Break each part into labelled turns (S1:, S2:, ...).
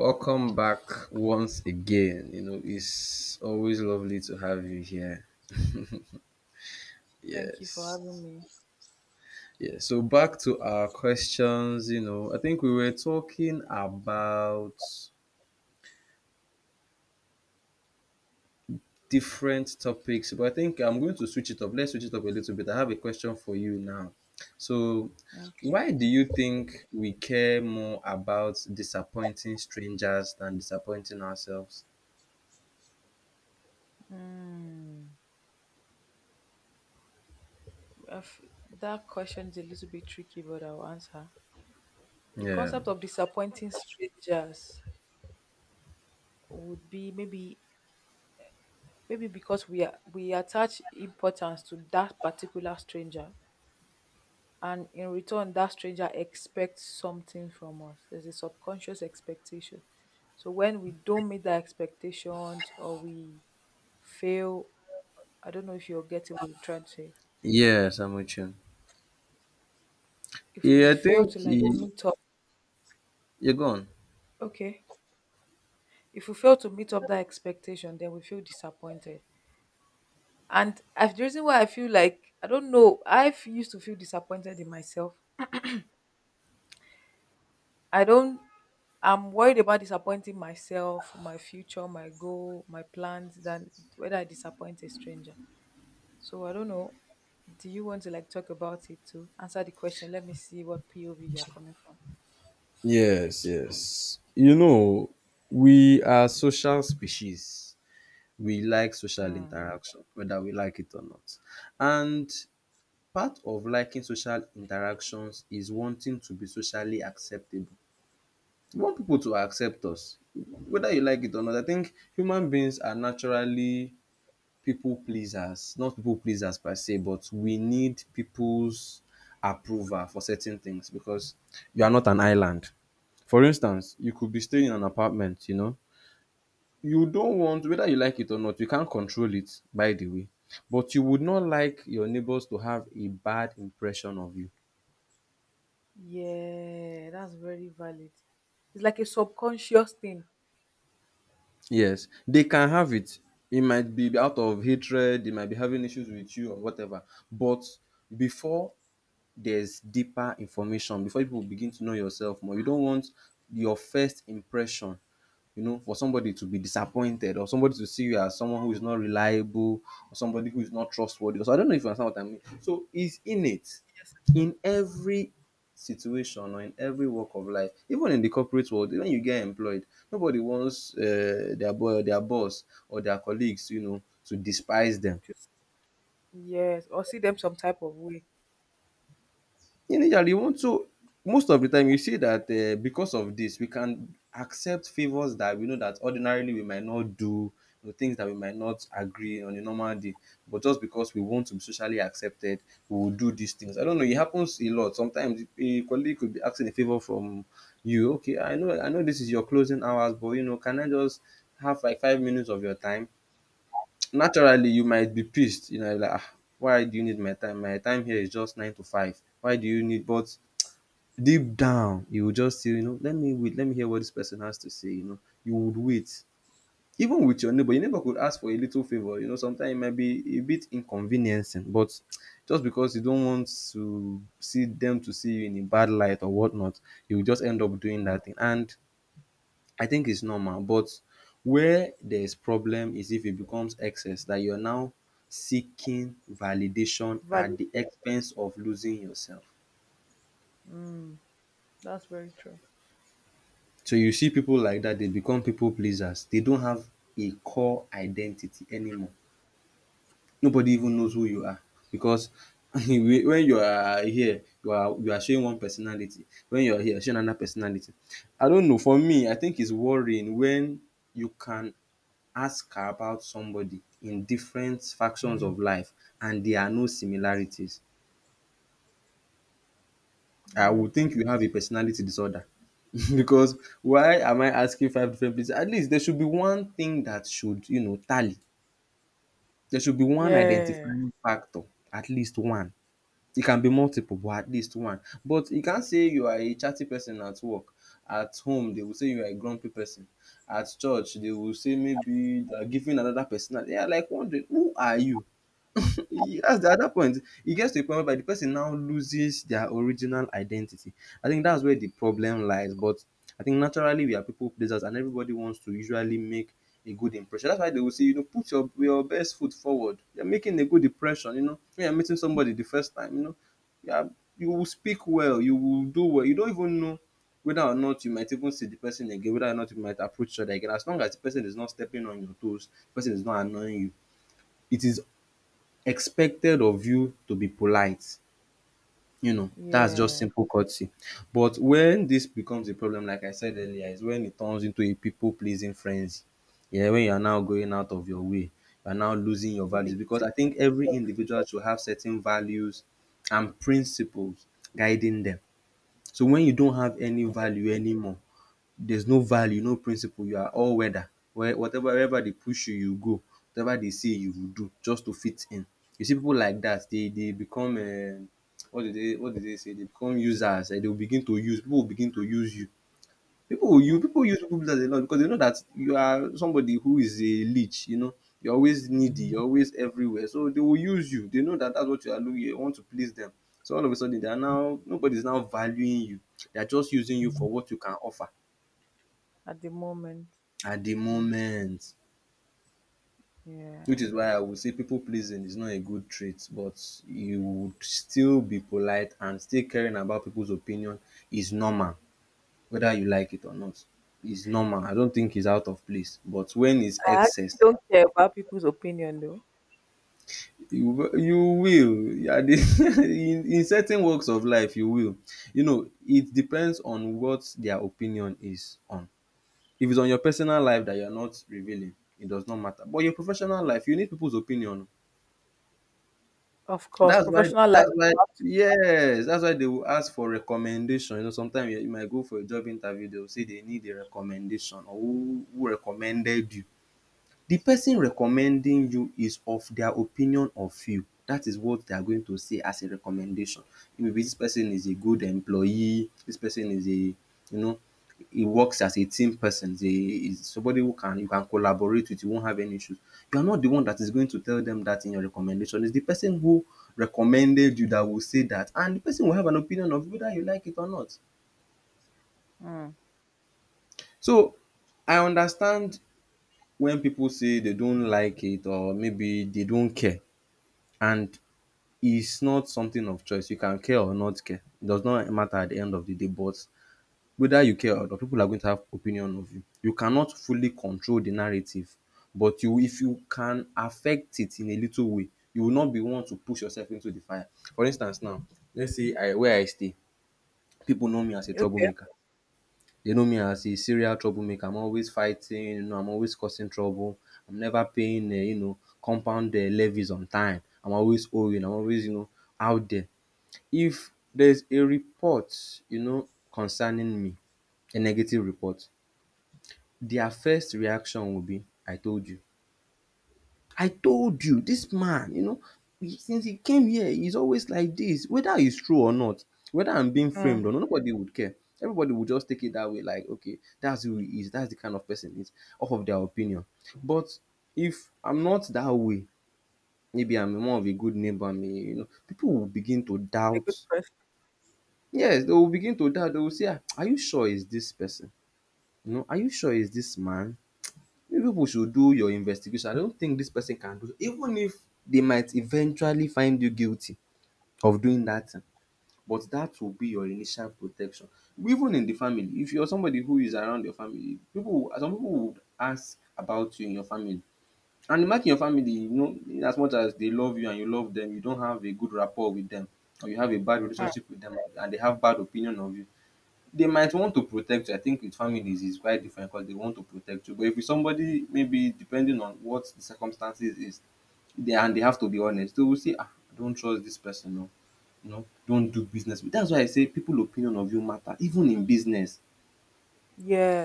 S1: Welcome back once again. You know, it's always lovely to have you here.
S2: Thank you for having
S1: Yes.
S2: me.
S1: Yeah. So back to our questions, you know, I think we were talking about different topics, but I think I'm going to switch it up. Let's switch it up a little bit. I have a question for you now. So
S2: Okay.
S1: why do you think we care more about disappointing strangers than disappointing ourselves?
S2: I f- that question is a little bit tricky, but I'll answer. The
S1: Yeah.
S2: concept of disappointing strangers would be maybe because we attach importance to that particular stranger, and in return, that stranger expects something from us. There's a subconscious expectation. So when we don't meet that expectations or we fail, I don't know if you're getting what I'm trying to say.
S1: Yes, I'm with you.
S2: If we
S1: Yeah, I
S2: fail to
S1: think
S2: like
S1: y-
S2: meet up,
S1: you're gone.
S2: okay, if we fail to meet up that expectation, then we feel disappointed. And I the reason why I feel like, I don't know, used to feel disappointed in myself. I don't I'm worried about disappointing myself, my future, my goal, my plans, than whether I disappoint a stranger. So I don't know, do you want to like talk about it? To answer the question, let me see what POV you're coming from.
S1: Yes, yes. You know, we are social species. We like social
S2: Mm.
S1: interaction, whether we like it or not. And part of liking social interactions is wanting to be socially acceptable. We want people to accept us, whether you like it or not. I think human beings are naturally people pleasers, not people pleasers per se, but we need people's approval for certain things because you are not an island. For instance, you could be staying in an apartment, you know. You don't want, whether you like it or not, you can't control it, by the way. But you would not like your neighbors to have a bad impression of you.
S2: Yeah, that's very valid. It's like a subconscious thing.
S1: Yes, they can have it. It might be out of hatred, they might be having issues with you or whatever. But before there's deeper information before people begin to know yourself more. You don't want your first impression, you know, for somebody to be disappointed or somebody to see you as someone who is not reliable or somebody who is not trustworthy. So I don't know if you understand what I mean. So it's innate in every situation or in every walk of life, even in the corporate world, when you get employed, nobody wants their boy, their boss, or their colleagues, you know, to despise them.
S2: Yes. Yes, or see them some type of way.
S1: Initially we want to, most of the time you see that because of this we can accept favors that we know that ordinarily we might not do, you know, things that we might not agree on a normal day, but just because we want to be socially accepted, we will do these things. I don't know, it happens a lot. Sometimes a colleague could be asking a favor from you. Okay, I know this is your closing hours, but you know, can I just have like 5 minutes of your time? Naturally you might be pissed, you know, like, ah, why do you need my time? My time here is just 9 to 5, why do you need? But deep down, you will just say, you know, let me wait, let me hear what this person has to say, you know. You would wait. Even with your neighbor could ask for a little favor, you know, sometimes it might be a bit inconveniencing, but just because you don't want to see them to see you in a bad light or whatnot, you will just end up doing that thing. And I think it's normal, but where there's problem is if it becomes excess that you're now seeking validation at
S2: Value.
S1: the expense of losing yourself.
S2: Mm, that's very true.
S1: So you see people like dat, they become people pleasers. They don't have a core identity anymore. Nobody even knows who you are, because when you are here, you are showing one personality. When you are here, you are showing another personality. I don't know, for me, I think it's worrying when you can ask about somebody in different factions of life and there are no similarities. I would
S2: Mm.
S1: think you have a personality disorder because why am I asking five different places? At least there should be one thing that should, you know, tally. There should be one
S2: Yeah,
S1: identifying factor, at least one. It can be multiple, but at least one. But you can't say you are a chatty person at work. At home, they will say you are a grumpy person. At church, they will say maybe they are giving another personality. They are like wondering, who are you? That's the other point. It gets to a point whereby the person now loses their original identity. I think that's where the problem lies. But I think naturally we are people pleasers, and everybody wants to usually make a good impression. That's why they will say, you know, put your best foot forward. You're making a good impression. You know, when you're meeting somebody the first time, you know, you are, you will speak well. You will do well. You don't even know whether or not you might even see the person again. Whether or not you might approach each other again. As long as the person is not stepping on your toes, the person is not annoying you. It is expected of you to be polite. You know, that's just
S2: yeah.
S1: simple courtesy. But when this becomes a problem, like I said earlier, is when it turns into a people pleasing frenzy. Yeah, when you are now going out of your way, you are now losing your
S2: You
S1: values.
S2: begin
S1: Because
S2: to
S1: I think
S2: lose
S1: every
S2: yourself.
S1: individual should have certain values and principles guiding them. So when you don't have any value anymore, there's no value, no principle. You are all weather. Wherever they push you, you go. Whatever they say, you will do just to fit in. You see people like that, they become what did they, what did they say? They become users, and they will begin to use people, will begin to use you. People will use
S2: Mm.
S1: people, use people, because they know, because they know that you are somebody who is a leech, you know. You're always needy, you're always everywhere. So they will use you. They know that that's what you are looking. You want to please them. So all of a sudden they are now, nobody's now valuing you. They are just using you for what you can offer
S2: At the moment.
S1: at the
S2: Mm.
S1: moment. Which is
S2: Yeah.
S1: why I would say people pleasing is not a good trait, but you would still be polite, and still caring about people's opinion is normal, whether you like it or not. It's normal. I don't think it's out of place. But when it's
S2: I actually
S1: excess,
S2: don't care about people's opinion though.
S1: you you will Yeah, in certain walks of life you will. You know, it depends on what their opinion is on. If it's on your personal life that you're not revealing, it does not matter. But your professional life, you need people's opinion.
S2: Of course,
S1: That's why
S2: professional life,
S1: that's why
S2: you have to.
S1: yes, that's why they will ask for recommendation. You know, sometimes you might go for a job interview, they will say they need a recommendation, or who recommended you. The person recommending you is of their opinion of you, that is what they are going to say as a recommendation. Maybe this person is a good employee, this person is a, you know, he works as a team person, is a, is somebody who can you can collaborate with, you won't have any issues. You are not the one that is going to tell them that in your recommendation, it's the person who recommended you that will say that, and the person will have an opinion of whether you like it or not.
S2: Mm.
S1: So I understand when people say they don't like it, or maybe they don't care. And it's not something of choice. You can care or not care. It does not matter at the end of the day, but whether you care or not, people are going to have opinion of you. You cannot fully control the narrative, but you if you can affect it in a little way, you will not be one to push yourself into the fire. For instance now, let's say I, where I stay, people know me as a
S2: Okay.
S1: troublemaker. They know me as a serial troublemaker. I'm always fighting, you know, I'm always causing trouble. I'm never paying, you know, compound levies on time. I'm always owing. I'm always, you know, out there. If there's a report, you know, concerning me, a negative report, their first reaction will be, I told you. I told you, this man, you know, since he came here, he's always like this. Whether it's true or not, whether I'm being framed
S2: Mm.
S1: or not, nobody would care. Everybody would just take it that way, like, okay, that's who he is, that's the kind of person he is, off of their opinion. But if I'm not that way, maybe I'm more of a good neighbor, I mean, you know, people will begin to
S2: A good
S1: doubt.
S2: question.
S1: Yes, they will begin to doubt. They will say, "Ah, are you sure it's this person? You know, are you sure it's this man? You people should do your investigation. I don't think this person can do so." Even if they might eventually find you guilty of doing that thing, but that will be your initial protection. Even in the family, if you are somebody who is around your family people, some people would ask about you in your family, and imagine your family, you know, in as much as they love you and you love them, you don't have a good rapport with them, or you have a bad
S2: Huh.
S1: relationship with them and they have bad opinion of you, they might want to protect you. I think with families is quite different because they want to protect you. But if it's somebody, maybe depending on what the circumstances is, they have to be honest, they will say, ah, I don't trust this person. No, you know, don't do business with-" That's why I say people opinion of you matter, even in business.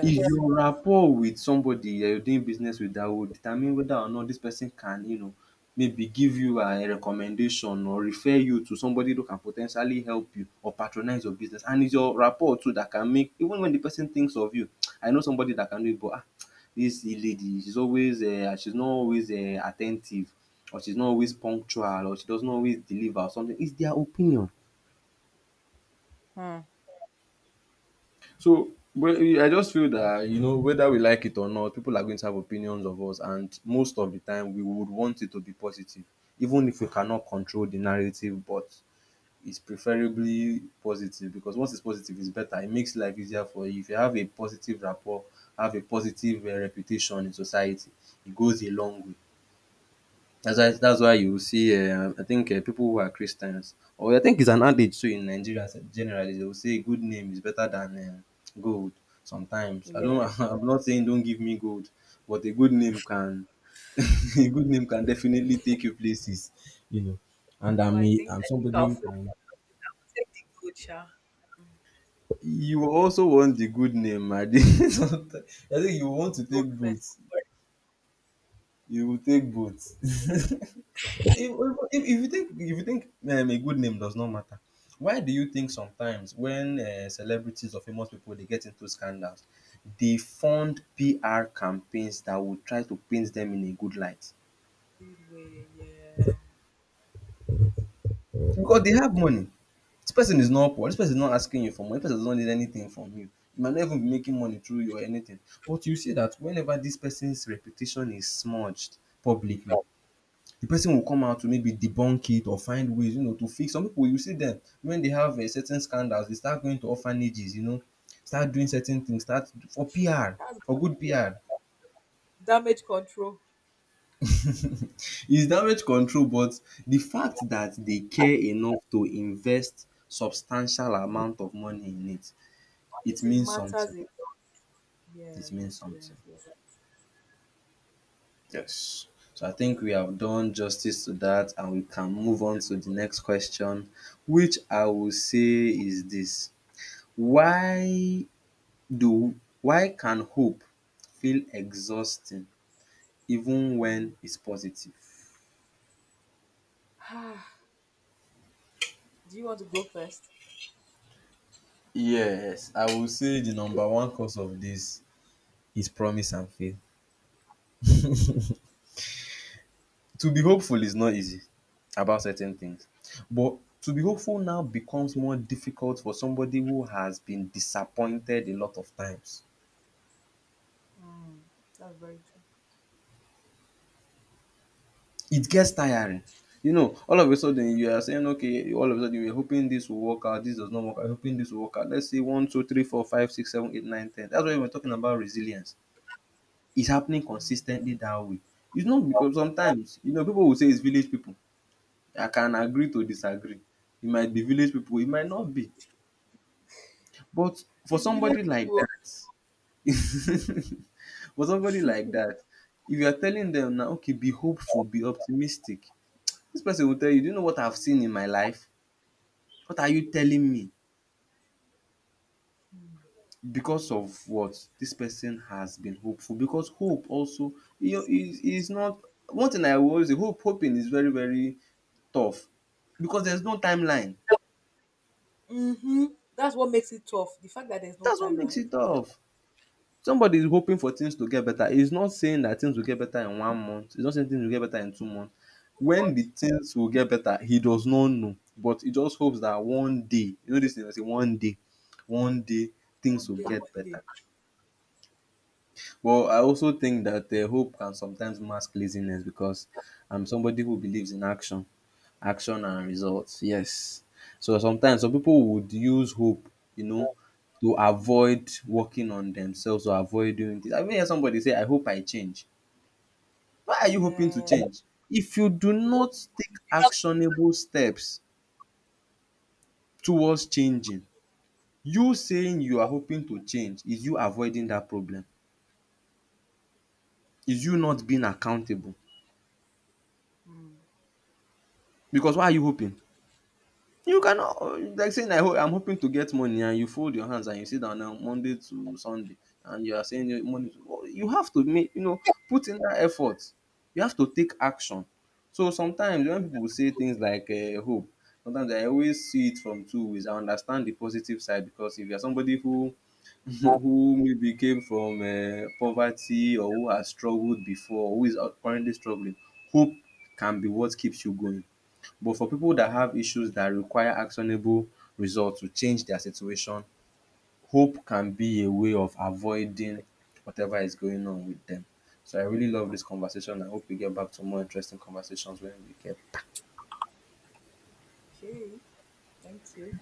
S1: If your rapport with somebody you're doing business with, that will determine whether or not this person can, you know, maybe give you a recommendation or refer you to somebody who can potentially help you or patronize your business. And it's your rapport too that can make, even when the person thinks of you, I know somebody that can do it, but ah, this lady, she's always she's not always attentive, or she's not always punctual, or she does not always deliver or something. It's their opinion.
S2: Hmm.
S1: So I just feel that, you know, whether we like it or not, people are going to have opinions of us, and most of the time we would want it to be positive, even if we cannot control the narrative. But it's preferably positive, because once it's positive, it's better. It makes life easier for you. If you have a positive rapport, have a positive reputation in society, it goes a long way. That's why you see, I think people who are Christians, or I think it's an adage too in Nigeria generally, they will say good name is better than gold. Sometimes I
S2: Yeah.
S1: don't, I'm not saying don't give me gold, but a good name can, a good name can definitely take you places, you know. And
S2: But
S1: I'm
S2: I
S1: a,
S2: think
S1: I'm
S2: I think
S1: somebody who can.
S2: take the gold, sha.
S1: You also want the good name, Adi. I think you want to
S2: The
S1: take
S2: gold first.
S1: both. You will take both. If you think, if you think a good name does not matter, why do you think sometimes when celebrities or famous people they get into scandals, they fund PR campaigns that will try to paint them in a good light
S2: Good way. Yeah.
S1: because they have money. This person is not poor. This person is not asking you for money. This person does not need anything from you. You might not even be making money through you or anything. But you see that whenever this person's reputation is smudged publicly, the person will come out to maybe debunk it or find ways, you know, to fix. Some people, you see them, when they have a certain scandals, they start going to orphanages, you know, start doing certain things, start for PR,
S2: That's
S1: for good PR.
S2: damage control.
S1: It's damage control, but the fact that they care enough to invest substantial amount of money in it, it
S2: It
S1: means
S2: matters.
S1: something.
S2: It.
S1: It means
S2: Yes,
S1: something.
S2: yes, yes.
S1: Yes. So I think we have done justice to that, and we can move on to the next question, which I will say is this: Why do, why can hope feel exhausting even when it's positive?
S2: Do you want to go first?
S1: Yes, I will say the number one cause of this is promise and faith. To be hopeful is not easy about certain things, but to be hopeful now becomes more difficult for somebody who has been disappointed a lot of times.
S2: Mm, that's very true.
S1: It gets tiring. You know, all of a sudden you are saying, okay, all of a sudden you are hoping this will work out, this does not work out, hoping this will work out. Let's say one, two, three, four, five, six, seven, eight, nine, ten. That's why we're talking about resilience. It's happening consistently that way. It's not, because sometimes, you know, people will say it's village people. I can agree to disagree. It might be village people, it might not be. But for
S2: It's really
S1: somebody like
S2: true.
S1: that, for somebody like that, if you are telling them now, okay, be hopeful, be optimistic, this person will tell you, do you know what I've seen in my life? What are you telling me? Because of what? This person has been hopeful, because hope also, you know, is not, one thing I will always say, hope, hoping is very tough because there's no timeline.
S2: Mm-hmm. That's what makes it tough. The fact that there's no
S1: That's what makes
S2: timeline.
S1: it tough. Somebody is hoping for things to get better. He's not saying that things will get better in one month. He's not saying things will get better in two months. When the things will get better, he does not know. But he just hopes that one day, you know this thing, I say one day things
S2: One
S1: will
S2: day,
S1: get
S2: one
S1: better.
S2: day.
S1: Well, I also think that hope can sometimes mask laziness, because I'm somebody who believes in action, action and results. Yes. So sometimes some people would use hope, you know, to avoid working on themselves or avoid doing this. I mean, hear somebody say, "I hope I change." Why are you hoping to
S2: Yeah.
S1: change? If you do
S2: You work.
S1: not take actionable steps towards changing, you saying you are hoping to change is you avoiding that problem. Is you not being accountable? Because why are you hoping? You cannot, like saying I hope, I'm hoping to get money and you fold your hands and you sit down now Monday to Sunday, and you are saying you money to, well, you have to make, you know, put in that effort. You have to take action. So sometimes when people say things like hope, sometimes I always see it from two ways. I understand the positive side, because if you're somebody who who maybe came from poverty, or who has struggled before, who is currently struggling, hope can be what keeps you going. But for people that have issues that require actionable results to change their situation, hope can be a way of avoiding whatever is going on with them. So I really love this conversation. I hope we get back to more interesting conversations when we get
S2: Okay. Thank you.